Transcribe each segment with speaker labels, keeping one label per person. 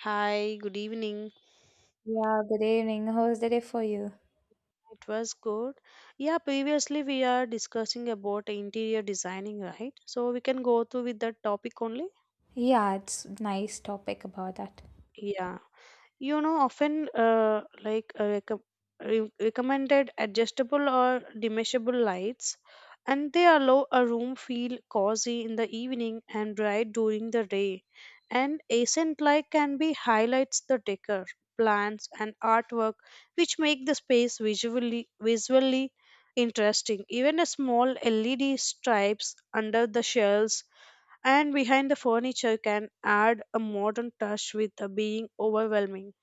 Speaker 1: Hi, good evening.
Speaker 2: Yeah, good evening. How's the day for you?
Speaker 1: It was good. Yeah, previously we are discussing about interior designing, right? So we can go through with that topic only.
Speaker 2: Yeah, it's nice topic about that.
Speaker 1: Yeah. Often recommended adjustable or dimmable lights, and they allow a room feel cozy in the evening and bright during the day, and accent light can be highlights the decor, plants and artwork, which make the space visually interesting. Even a small led stripes under the shelves and behind the furniture can add a modern touch with the being overwhelming.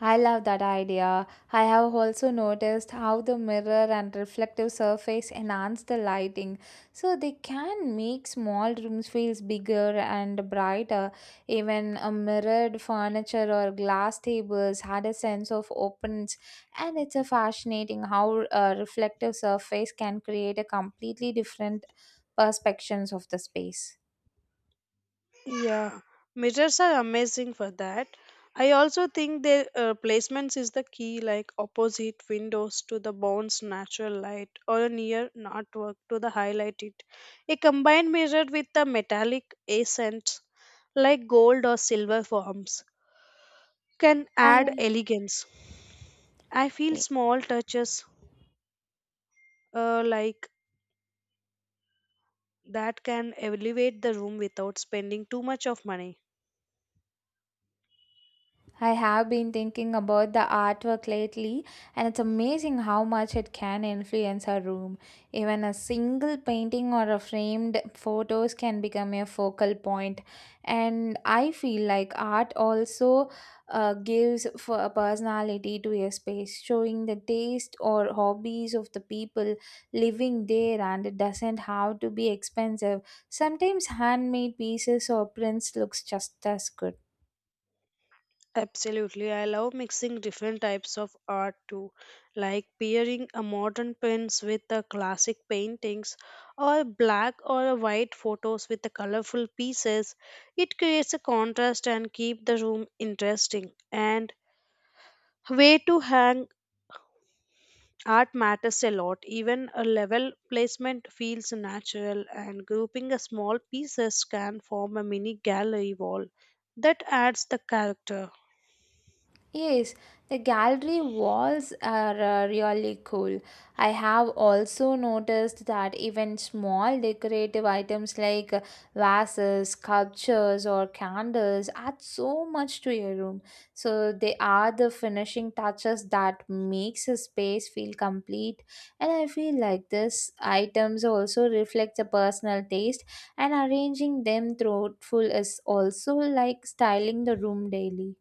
Speaker 2: I love that idea. I have also noticed how the mirror and reflective surface enhance the lighting, so they can make small rooms feels bigger and brighter. Even a mirrored furniture or glass tables had a sense of openness, and it's a fascinating how a reflective surface can create a completely different perspectives of the space.
Speaker 1: Yeah, mirrors are amazing for that. I also think their placements is the key, like opposite windows to the bones natural light or near an artwork to the highlight it. A combined mirror with the metallic accents like gold or silver forms can
Speaker 2: Hi.
Speaker 1: add elegance. I feel small touches, uh, like that can elevate the room without spending too much of money.
Speaker 2: I have been thinking about the artwork lately, and it's amazing how much it can influence a room. Even a single painting or a framed photos can become a focal point. And I feel like art also gives for a personality to a space, showing the taste or hobbies of the people living there, and it doesn't have to be expensive. Sometimes handmade pieces or prints looks just as good.
Speaker 1: Absolutely, I love mixing different types of art too, like pairing a modern prints with the classic paintings, or black or a white photos with the colorful pieces. It creates a contrast and keep the room interesting. And way to hang art matters a lot. Even a level placement feels natural, and grouping a small pieces can form a mini gallery wall that adds the character.
Speaker 2: Yes, the gallery walls are really cool. I have also noticed that even small decorative items like vases, sculptures, or candles add so much to your room. So they are the finishing touches that makes a space feel complete. And I feel like these items also reflect the personal taste, and arranging them thoughtful is also like styling the room daily.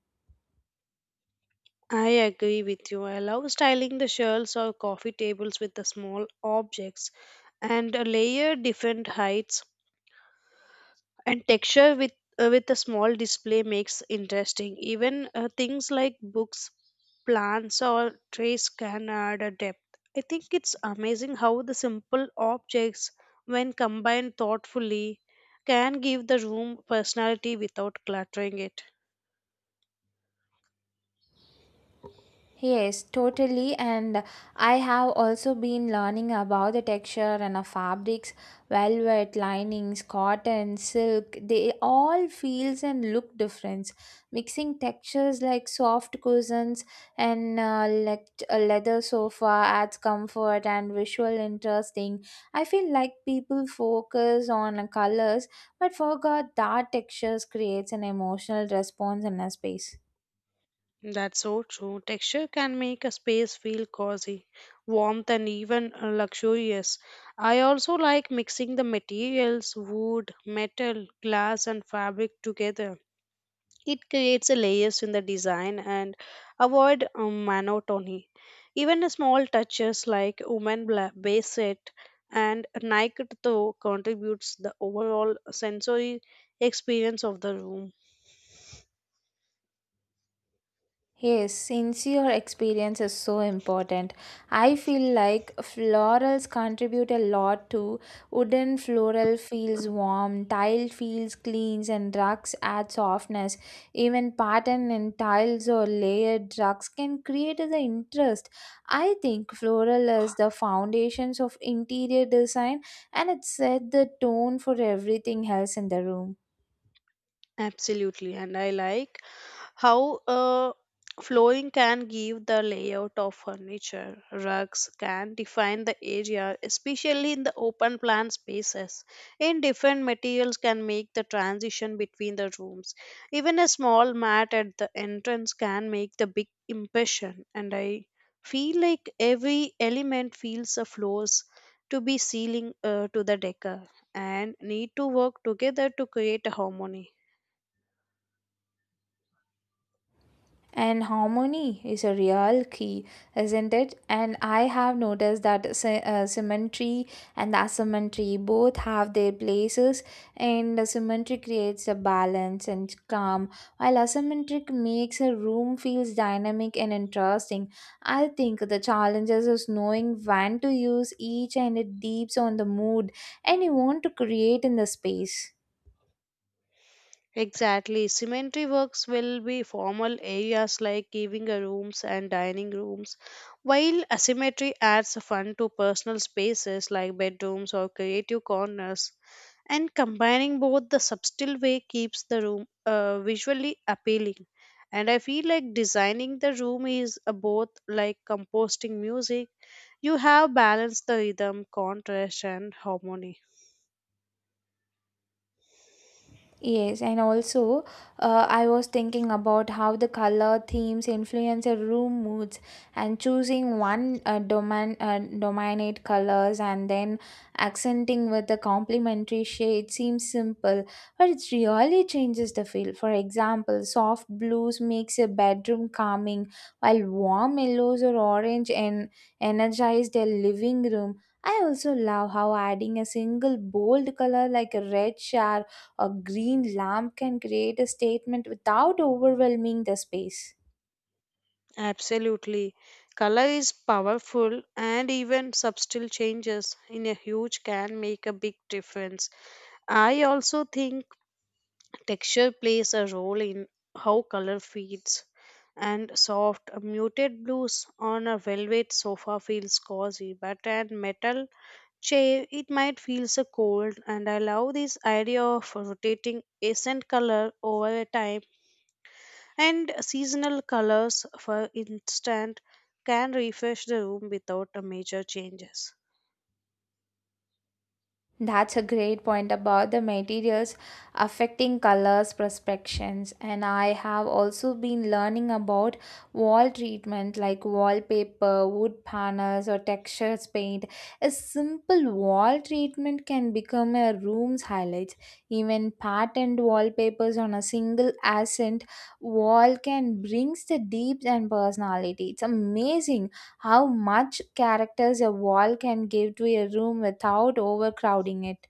Speaker 1: I agree with you. I love styling the shelves or coffee tables with the small objects and a layer different heights and texture with a small display makes interesting. Even things like books, plants or trees can add a depth. I think it's amazing how the simple objects, when combined thoughtfully, can give the room personality without cluttering it.
Speaker 2: Yes, totally. And I have also been learning about the texture and the fabrics, velvet, linings, cotton, silk. They all feels and look different. Mixing textures like soft cushions and a leather sofa adds comfort and visual interesting. I feel like people focus on colors but forgot that textures creates an emotional response in a space.
Speaker 1: That's so true. Texture can make a space feel cozy, warmth, and even luxurious. I also like mixing the materials, wood, metal, glass, and fabric together. It creates a layers in the design and avoid monotony. Even the small touches like woman base set and Nike toe contributes the overall sensory experience of the room.
Speaker 2: Yes, sincere experience is so important. I feel like florals contribute a lot to wooden floral feels warm, tile feels clean, and rugs add softness. Even pattern in tiles or layered rugs can create the interest. I think floral is the foundations of interior design and it set the tone for everything else in the room.
Speaker 1: Absolutely, and I like how flooring can give the layout of furniture. Rugs can define the area, especially in the open plan spaces. In different materials can make the transition between the rooms. Even a small mat at the entrance can make the big impression. And I feel like every element feels the floors to be ceiling to the decor and need to work together to create a harmony.
Speaker 2: And harmony is a real key, isn't it? And I have noticed that symmetry and asymmetry both have their places, and the symmetry creates a balance and calm, while asymmetric makes a room feels dynamic and interesting. I think the challenges is knowing when to use each, and it deeps on the mood and you want to create in the space.
Speaker 1: Exactly. Cemetery works will be formal areas like giving a rooms and dining rooms, while asymmetry adds fun to personal spaces like bedrooms or creative corners. And combining both the subtle way keeps the room visually appealing. And I feel like designing the room is a both like composting music. You have balanced the rhythm, contrast, and harmony.
Speaker 2: Yes, and also I was thinking about how the color themes influence your room moods and choosing one dominate colors and then accenting with the complementary shade seems simple, but it really changes the feel. For example, soft blues makes a bedroom calming, while warm yellows or orange and energize the living room. I also love how adding a single bold color like a red shower a green lamp can create a statement without overwhelming the space.
Speaker 1: Absolutely. Color is powerful, and even subtle changes in a huge can make a big difference. I also think texture plays a role in how color feeds. And soft, muted blues on a velvet sofa feels cozy, but a metal chair it might feel so cold. And I love this idea of rotating accent color over a time, and seasonal colors, for instance, can refresh the room without a major changes.
Speaker 2: That's a great point about the materials affecting colors, perspectives, and I have also been learning about wall treatment like wallpaper, wood panels, or textures paint. A simple wall treatment can become a room's highlight. Even patterned wallpapers on a single accent wall can brings the depth and personality. It's amazing how much characters a wall can give to a room without overcrowding it.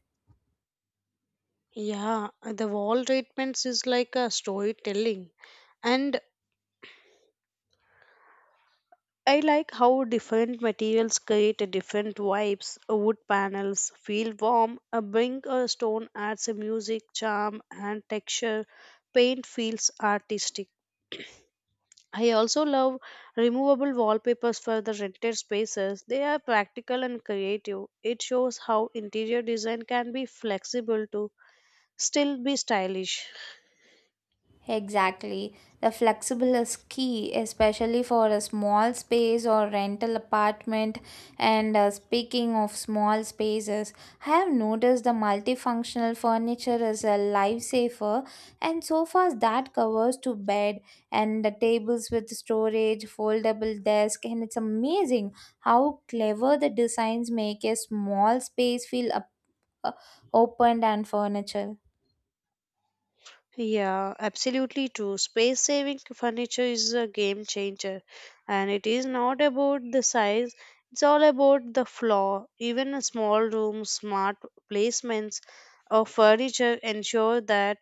Speaker 1: Yeah, the wall treatments is like a storytelling. And I like how different materials create a different vibes. Wood panels feel warm, a brink or stone adds a music, charm, and texture. Paint feels artistic. I also love removable wallpapers for the rented spaces. They are practical and creative. It shows how interior design can be flexible to still be stylish.
Speaker 2: Exactly. The flexible is key, especially for a small space or rental apartment. And speaking of small spaces, I have noticed the multifunctional furniture is a lifesaver, and sofas that covers to bed, and the tables with storage, foldable desk, and it's amazing how clever the designs make a small space feel uh, opened and furniture.
Speaker 1: Yeah, absolutely true. Space saving furniture is a game changer, and it is not about the size, it's all about the floor. Even a small room, smart placements of furniture ensure that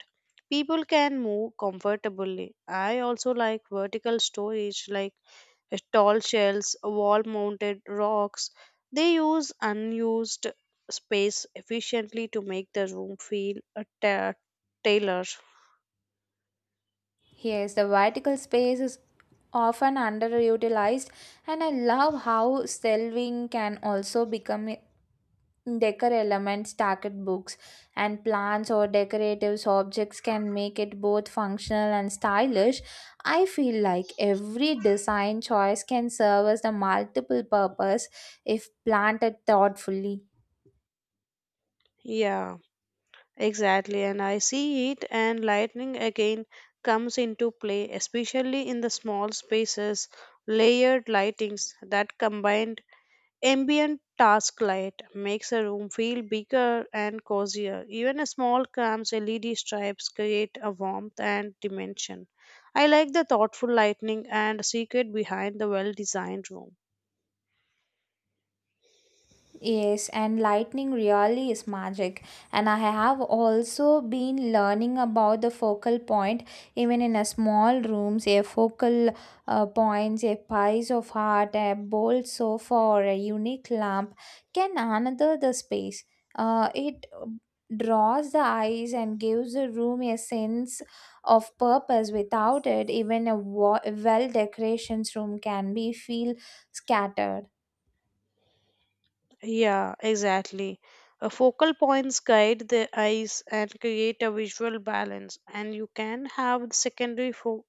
Speaker 1: people can move comfortably. I also like vertical storage, like tall shelves, wall mounted rocks. They use unused space efficiently to make the room feel a tailor.
Speaker 2: Yes, the vertical space is often underutilized, and I love how shelving can also become decor elements, stacked books, and plants or decorative objects can make it both functional and stylish. I feel like every design choice can serve as a multiple purpose if planted thoughtfully.
Speaker 1: Yeah, exactly. And I see it, and lightning again comes into play, especially in the small spaces. Layered lightings that combined ambient task light makes a room feel bigger and cozier. Even a small cams LED stripes create a warmth and dimension. I like the thoughtful lighting and secret behind the well-designed room.
Speaker 2: Yes, and lightning really is magic. And I have also been learning about the focal point, even in a small rooms, a focal points, a piece of art, a bold sofa, or a unique lamp can another the space. It draws the eyes and gives the room a sense of purpose. Without it, even a well decorations room can be feel scattered.
Speaker 1: Yeah, exactly. A focal points guide the eyes and create a visual balance, and you can have secondary fo-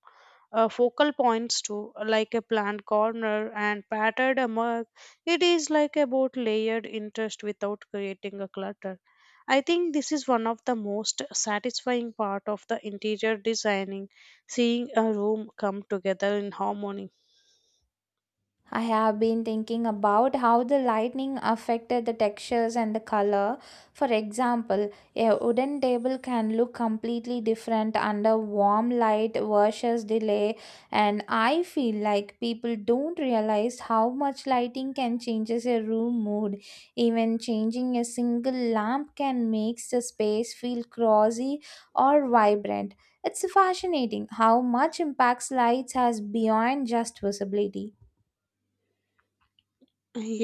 Speaker 1: uh, focal points too, like a plant corner and patterned a mug. It is like about layered interest without creating a clutter. I think this is one of the most satisfying part of the interior designing, seeing a room come together in harmony.
Speaker 2: I have been thinking about how the lightning affected the textures and the color. For example, a wooden table can look completely different under warm light versus delay. And I feel like people don't realize how much lighting can changes a room mood. Even changing a single lamp can make the space feel cozy or vibrant. It's fascinating how much impacts lights has beyond just visibility.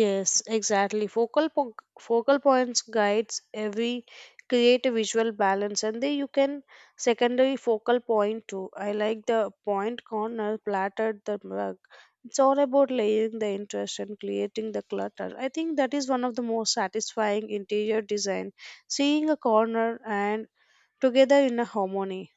Speaker 1: Yes, exactly. Focal points guides every create a visual balance, and then you can secondary focal point too. I like the point corner platted the rug. It's all about layering the interest and creating the clutter. I think that is one of the most satisfying interior design, seeing a corner and together in a harmony.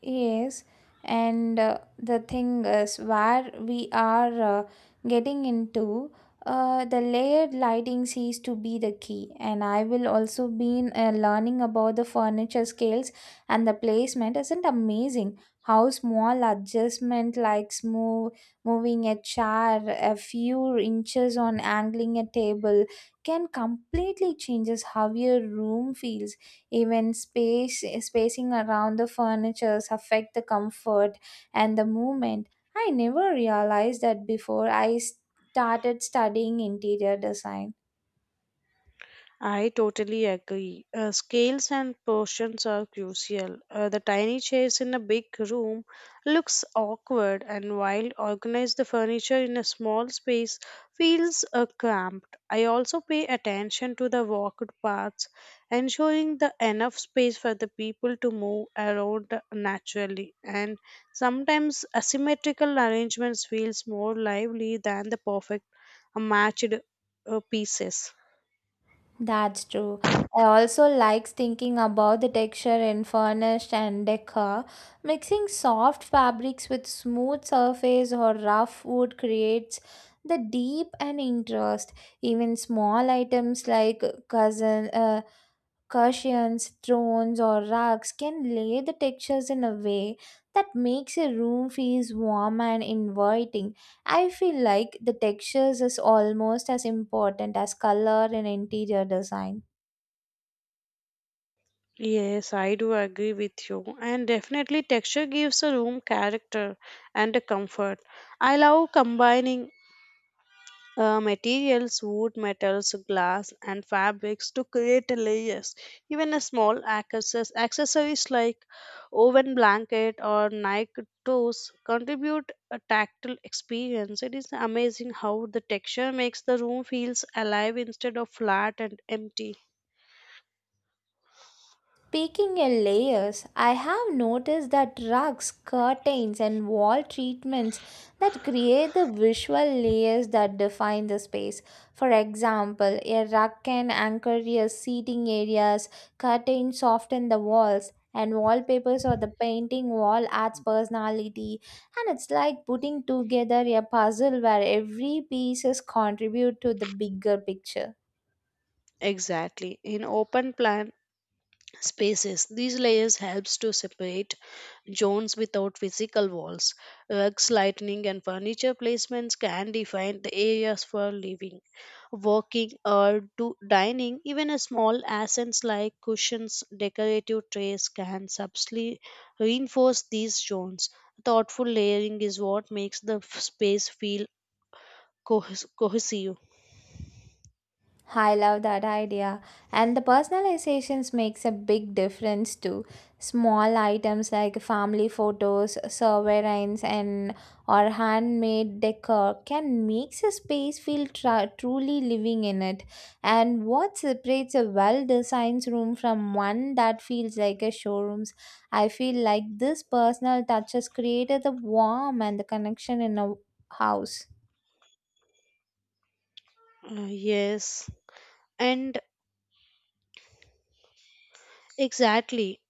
Speaker 2: Yes, and the thing is where we are getting into the layered lighting seems to be the key, and I will also been learning about the furniture scales and the placement isn't amazing how small adjustment like smooth moving a chair a few inches on angling a table can completely changes how your room feels, even space spacing around the furnitures affect the comfort and the movement. I never realized that before I started studying interior design.
Speaker 1: I totally agree. Scales and portions are crucial. The tiny chairs in a big room looks awkward, and while organized the furniture in a small space feels cramped. I also pay attention to the walked paths, ensuring the enough space for the people to move around naturally. And sometimes asymmetrical arrangements feels more lively than the perfect matched pieces.
Speaker 2: That's true. I also likes thinking about the texture in furnished and decor. Mixing soft fabrics with smooth surface or rough wood creates the deep and interest. Even small items like cousin cushions, thrones, or rugs can lay the textures in a way that makes a room feels warm and inviting. I feel like the textures is almost as important as color in interior design.
Speaker 1: Yes, I do agree with you. And definitely, texture gives a room character and a comfort. I love combining materials, wood, metals, glass, and fabrics to create a layers. Even a small accessories like woven blanket or Nike toes contribute a tactile experience. It is amazing how the texture makes the room feels alive instead of flat and empty.
Speaker 2: Speaking in layers, I have noticed that rugs, curtains, and wall treatments that create the visual layers that define the space. For example, a rug can anchor your seating areas, curtains soften the walls, and wallpapers or the painting wall adds personality and it's like putting together a puzzle where every pieces contribute to the bigger picture.
Speaker 1: Exactly. In open plan spaces, these layers helps to separate zones without physical walls. Rugs, lighting, and furniture placements can define the areas for living, working, or do dining. Even a small accents like cushions, decorative trays can subtly reinforce these zones. Thoughtful layering is what makes the space feel cohesive.
Speaker 2: I love that idea. And the personalizations makes a big difference too. Small items like family photos, sovereigns and or handmade decor can make a space feel truly living in it. And what separates a well-designed room from one that feels like a showroom's, I feel like this personal touches created the warmth and the connection in a house.
Speaker 1: Yes, and exactly.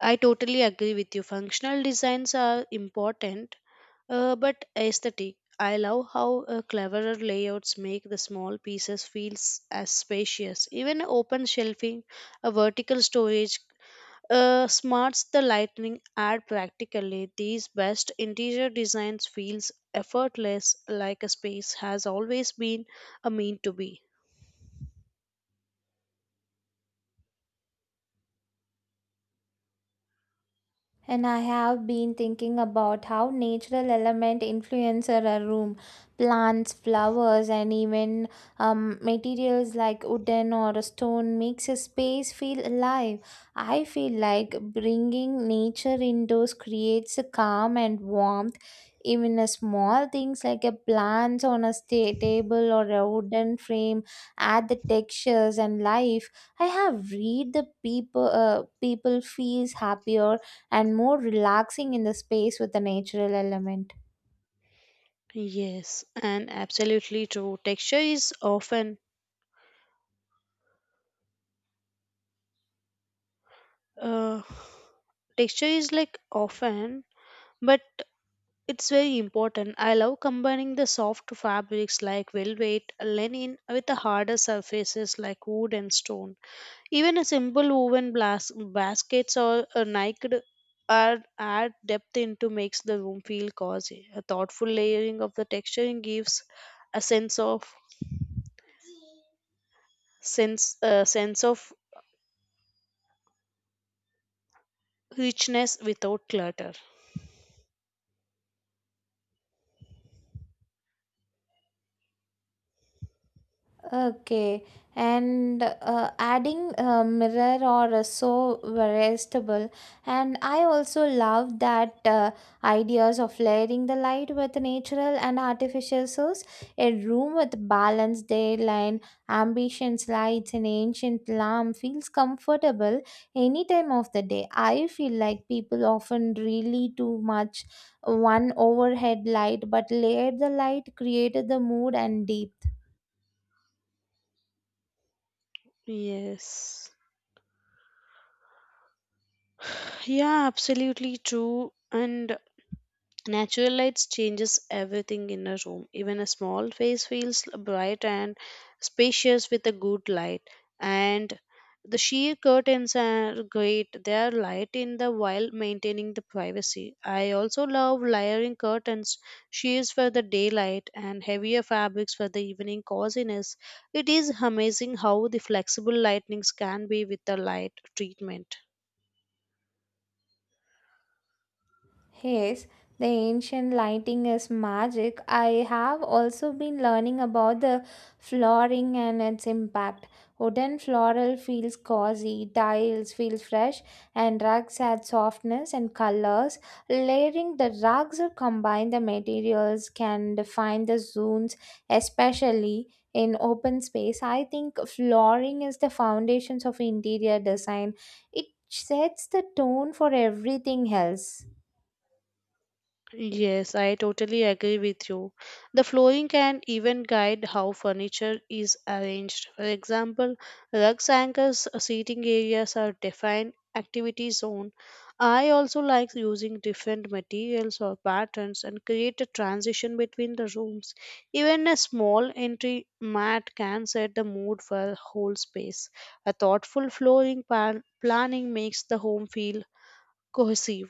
Speaker 1: I totally agree with you. Functional designs are important, but aesthetic. I love how cleverer layouts make the small pieces feel as spacious. Even open shelving, a vertical storage, smarts the lightning add practically. These best interior designs feels effortless, like a space has always been a mean to be.
Speaker 2: And I have been thinking about how natural element influencer a room, plants, flowers, and even materials like wooden or stone makes a space feel alive. I feel like bringing nature indoors creates a calm and warmth. Even a small things like a plants on a table or a wooden frame add the textures and life. I have read the people feels happier and more relaxing in the space with the natural element.
Speaker 1: Yes, and absolutely true. Uh, Texture is like often, but it's very important. I love combining the soft fabrics like velvet linen with the harder surfaces like wood and stone. Even a simple woven baskets or a naked are add depth into makes the room feel cozy. A thoughtful layering of the texturing gives a sense of richness without clutter.
Speaker 2: Okay, and adding a mirror or a so veritable, and I also love that ideas of layering the light with natural and artificial source. A room with balanced daylight, ambitions, lights, and ancient lamp feels comfortable any time of the day. I feel like people often really too much one overhead light, but layered the light created the mood and deep.
Speaker 1: Yes, yeah, absolutely true. And natural lights changes everything in a room. Even a small space feels bright and spacious with a good light. And the sheer curtains are great. They are light in the while maintaining the privacy. I also love layering curtains, sheers for the daylight and heavier fabrics for the evening coziness. It is amazing how the flexible lightnings can be with the light treatment.
Speaker 2: Yes, the ancient lighting is magic. I have also been learning about the flooring and its impact. Wooden floral feels cozy, tiles feel fresh, and rugs add softness and colors. Layering the rugs or combine the materials can define the zones, especially in open space. I think flooring is the foundations of interior design. It sets the tone for everything else.
Speaker 1: Yes, I totally agree with you. The flooring can even guide how furniture is arranged. For example, rugs anchors seating areas are defined activity zone. I also like using different materials or patterns and create a transition between the rooms. Even a small entry mat can set the mood for a whole space. A thoughtful flooring planning makes the home feel cohesive.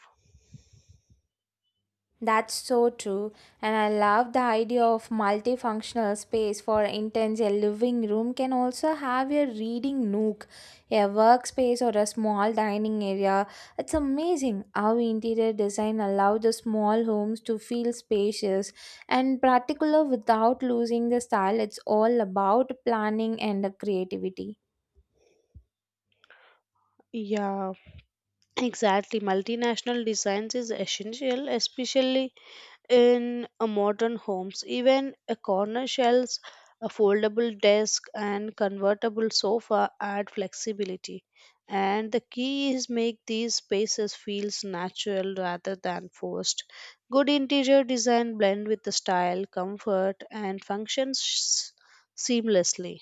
Speaker 2: That's so true, and I love the idea of multifunctional space for intense. A living room can also have a reading nook, a workspace, or a small dining area. It's amazing how interior design allows the small homes to feel spacious and particular without losing the style. It's all about planning and the creativity.
Speaker 1: Yeah. Exactly. Multinational designs is essential, especially in modern homes. Even a corner shelves, a foldable desk, and convertible sofa add flexibility. And the key is make these spaces feels natural rather than forced. Good interior design blend with the style, comfort, and functions seamlessly.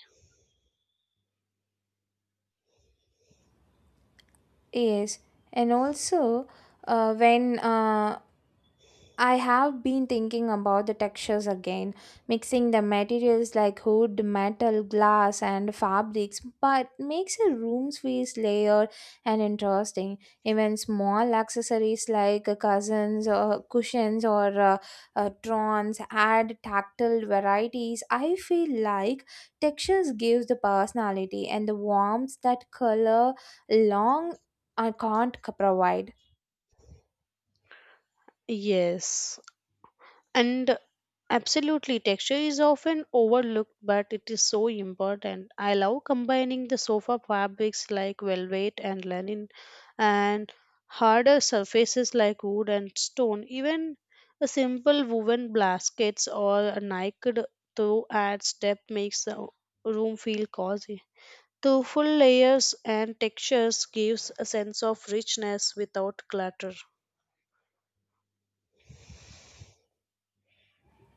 Speaker 2: Yes, and also when I have been thinking about the textures again, mixing the materials like wood, metal, glass, and fabrics, but makes a room's feel layered and interesting. Even small accessories like cousins or cushions or trons add tactile varieties. I feel like textures gives the personality and the warmth that color long I can't provide.
Speaker 1: Yes. And absolutely, texture is often overlooked, but it is so important. I love combining the sofa fabrics like velvet and linen and harder surfaces like wood and stone. Even a simple woven baskets or a naked throw adds depth makes the room feel cozy. The full layers and textures gives a sense of richness without clutter.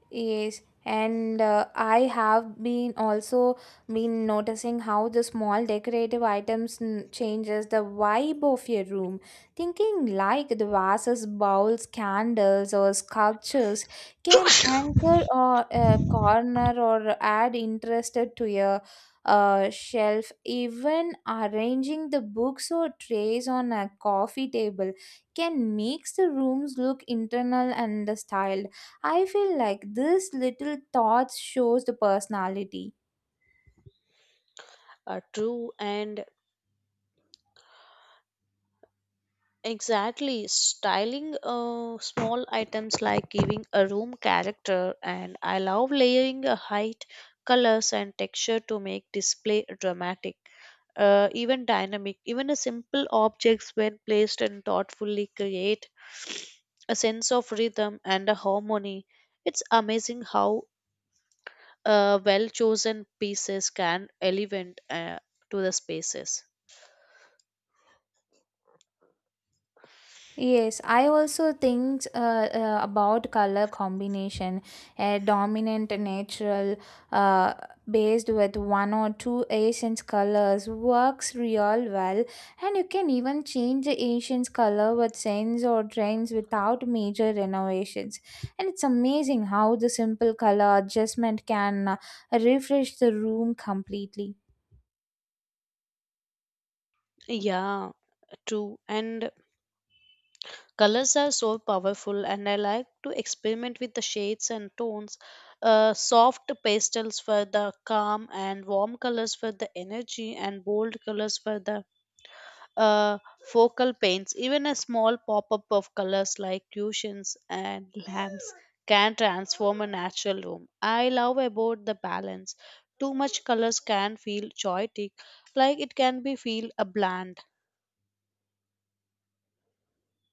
Speaker 2: Yes, and I have been also been noticing how the small decorative items changes the vibe of your room. Thinking like the vases, bowls, candles, or sculptures can anchor or a corner or add interested to your shelf. Even arranging the books or trays on a coffee table can makes the rooms look internal and the styled. I feel like this little thoughts shows the personality.
Speaker 1: A true and exactly. Styling small items like giving a room character, and I love layering a height, colors, and texture to make display dramatic, even dynamic. Even a simple objects, when placed and thoughtfully, create a sense of rhythm and a harmony. It's amazing how well chosen pieces can elevate to the spaces.
Speaker 2: Yes, I also think about color combination, a dominant natural uh, based with one or two Asian colors works real well, and you can even change the Asian's color with scents or trends without major renovations. And it's amazing how the simple color adjustment can refresh the room completely.
Speaker 1: Yeah, true. And colors are so powerful, and I like to experiment with the shades and tones. Soft pastels for the calm and warm colors for the energy and bold colors for the uh, focal paints. Even a small pop-up of colors like cushions and lamps can transform a natural room. I love about the balance. Too much colors can feel chaotic, like it can be feel a bland.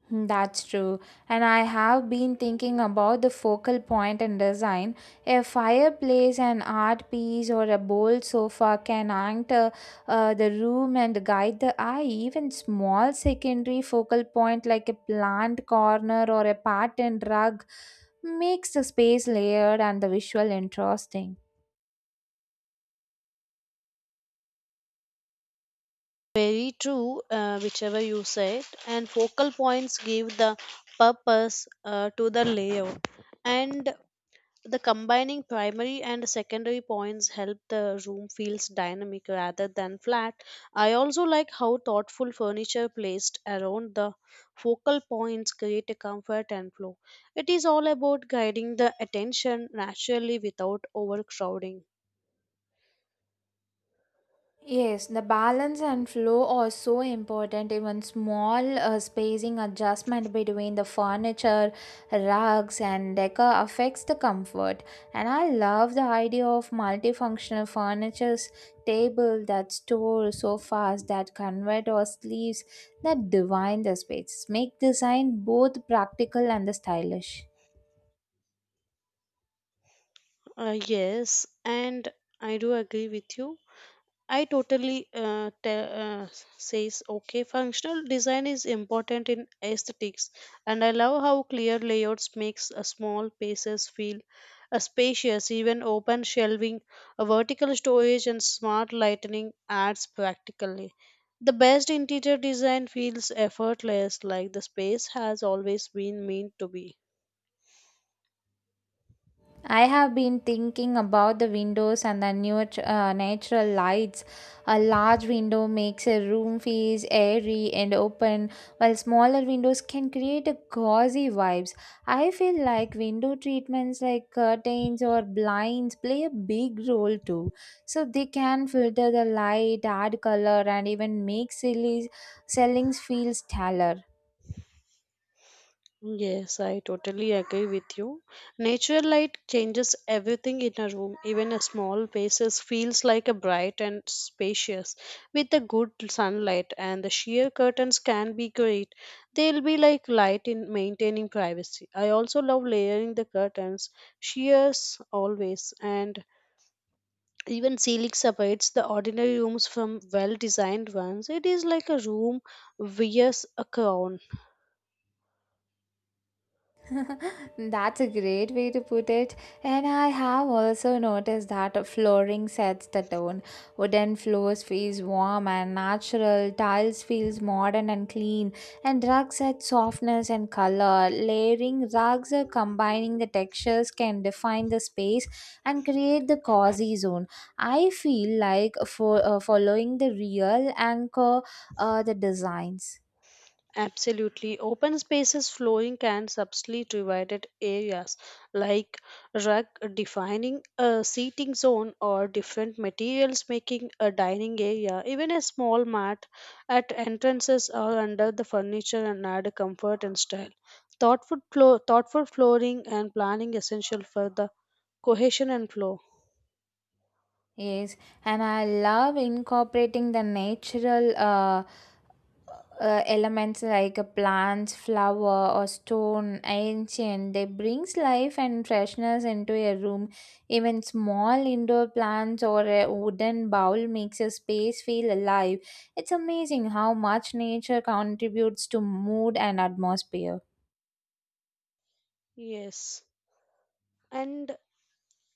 Speaker 2: Hmm. That's true. And I have been thinking about the focal point in design. A fireplace, an art piece, or a bold sofa can anchor the room and guide the eye. Even small secondary focal point like a plant corner or a patterned rug makes the space layered and the visual interesting.
Speaker 1: Very true, whichever you said, and focal points give the purpose to the layout, and the combining primary and secondary points help the room feels dynamic rather than flat. I also like how thoughtful furniture placed around the focal points create a comfort and flow. It is all about guiding the attention naturally without overcrowding.
Speaker 2: Yes, the balance and flow are so important. Even small spacing adjustment between the furniture, rugs, and decor affects the comfort. And I love the idea of multifunctional furnitures, table that store sofas that convert or sleeves that divine the space. Make design both practical and the stylish.
Speaker 1: Yes, and I do agree with you. I says okay. Functional design is important in aesthetics, and I love how clear layouts makes a small spaces feel spacious. Even open shelving, a vertical storage, and smart lighting adds practically. The best interior design feels effortless, like the space has always been meant to be.
Speaker 2: I have been thinking about the windows and the new natural lights. A large window makes a room feel airy and open, while smaller windows can create a cozy vibes. I feel like window treatments like curtains or blinds play a big role too. So they can filter the light, add color, and even make silly sellings feel stellar.
Speaker 1: Yes, I totally agree with you. Natural light changes everything in a room. Even a small space feels like a bright and spacious with the good sunlight and the sheer curtains can be great. They'll be like light in maintaining privacy. I also love layering the curtains, sheers always and even ceiling separates the ordinary rooms from well designed ones. It is like a room wears a crown.
Speaker 2: That's a great way to put it. And I have also noticed that flooring sets the tone. Wooden floors feels warm and natural, tiles feels modern and clean, and rugs add softness and color. Layering rugs or combining the textures can define the space and create the cozy zone. I feel like for following the real anchor the designs.
Speaker 1: Absolutely. Open spaces flowing can subtly divided areas like rug defining a seating zone or different materials making a dining area. Even a small mat at entrances or under the furniture and add comfort and style. Thoughtful flooring and planning essential for the cohesion and flow.
Speaker 2: Yes, and I love incorporating the natural elements like plants, flower, or stone, ancient. They brings life and freshness into a room. Even small indoor plants or a wooden bowl makes a space feel alive. It's amazing how much nature contributes to mood and atmosphere.
Speaker 1: Yes. And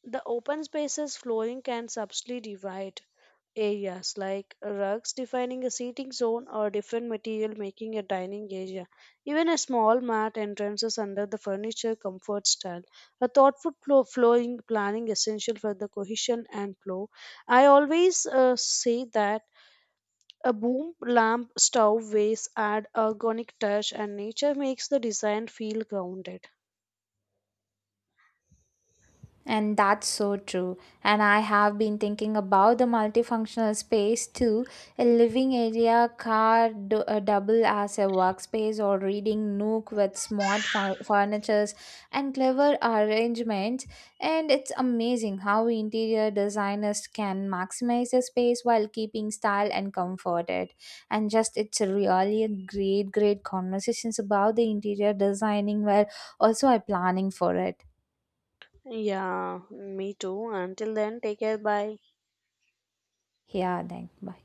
Speaker 1: the open spaces flooring can subtly divide areas like rugs defining a seating zone or different material making a dining area. Even a small mat entrances under the furniture comfort style. A flowing planning essential for the cohesion and flow. I always say that a boom lamp stove vase add ergonomic touch and nature makes the design feel grounded.
Speaker 2: And that's so true. And I have been thinking about the multifunctional space too. A living area, car, do, double as a workspace or reading nook with smart furnitures and clever arrangements. And it's amazing how interior designers can maximize the space while keeping style and comfort it. And just it's really a great, great conversations about the interior designing were also I planning for it.
Speaker 1: Yeah, me too. Until then, take care. Bye.
Speaker 2: Yeah, then bye.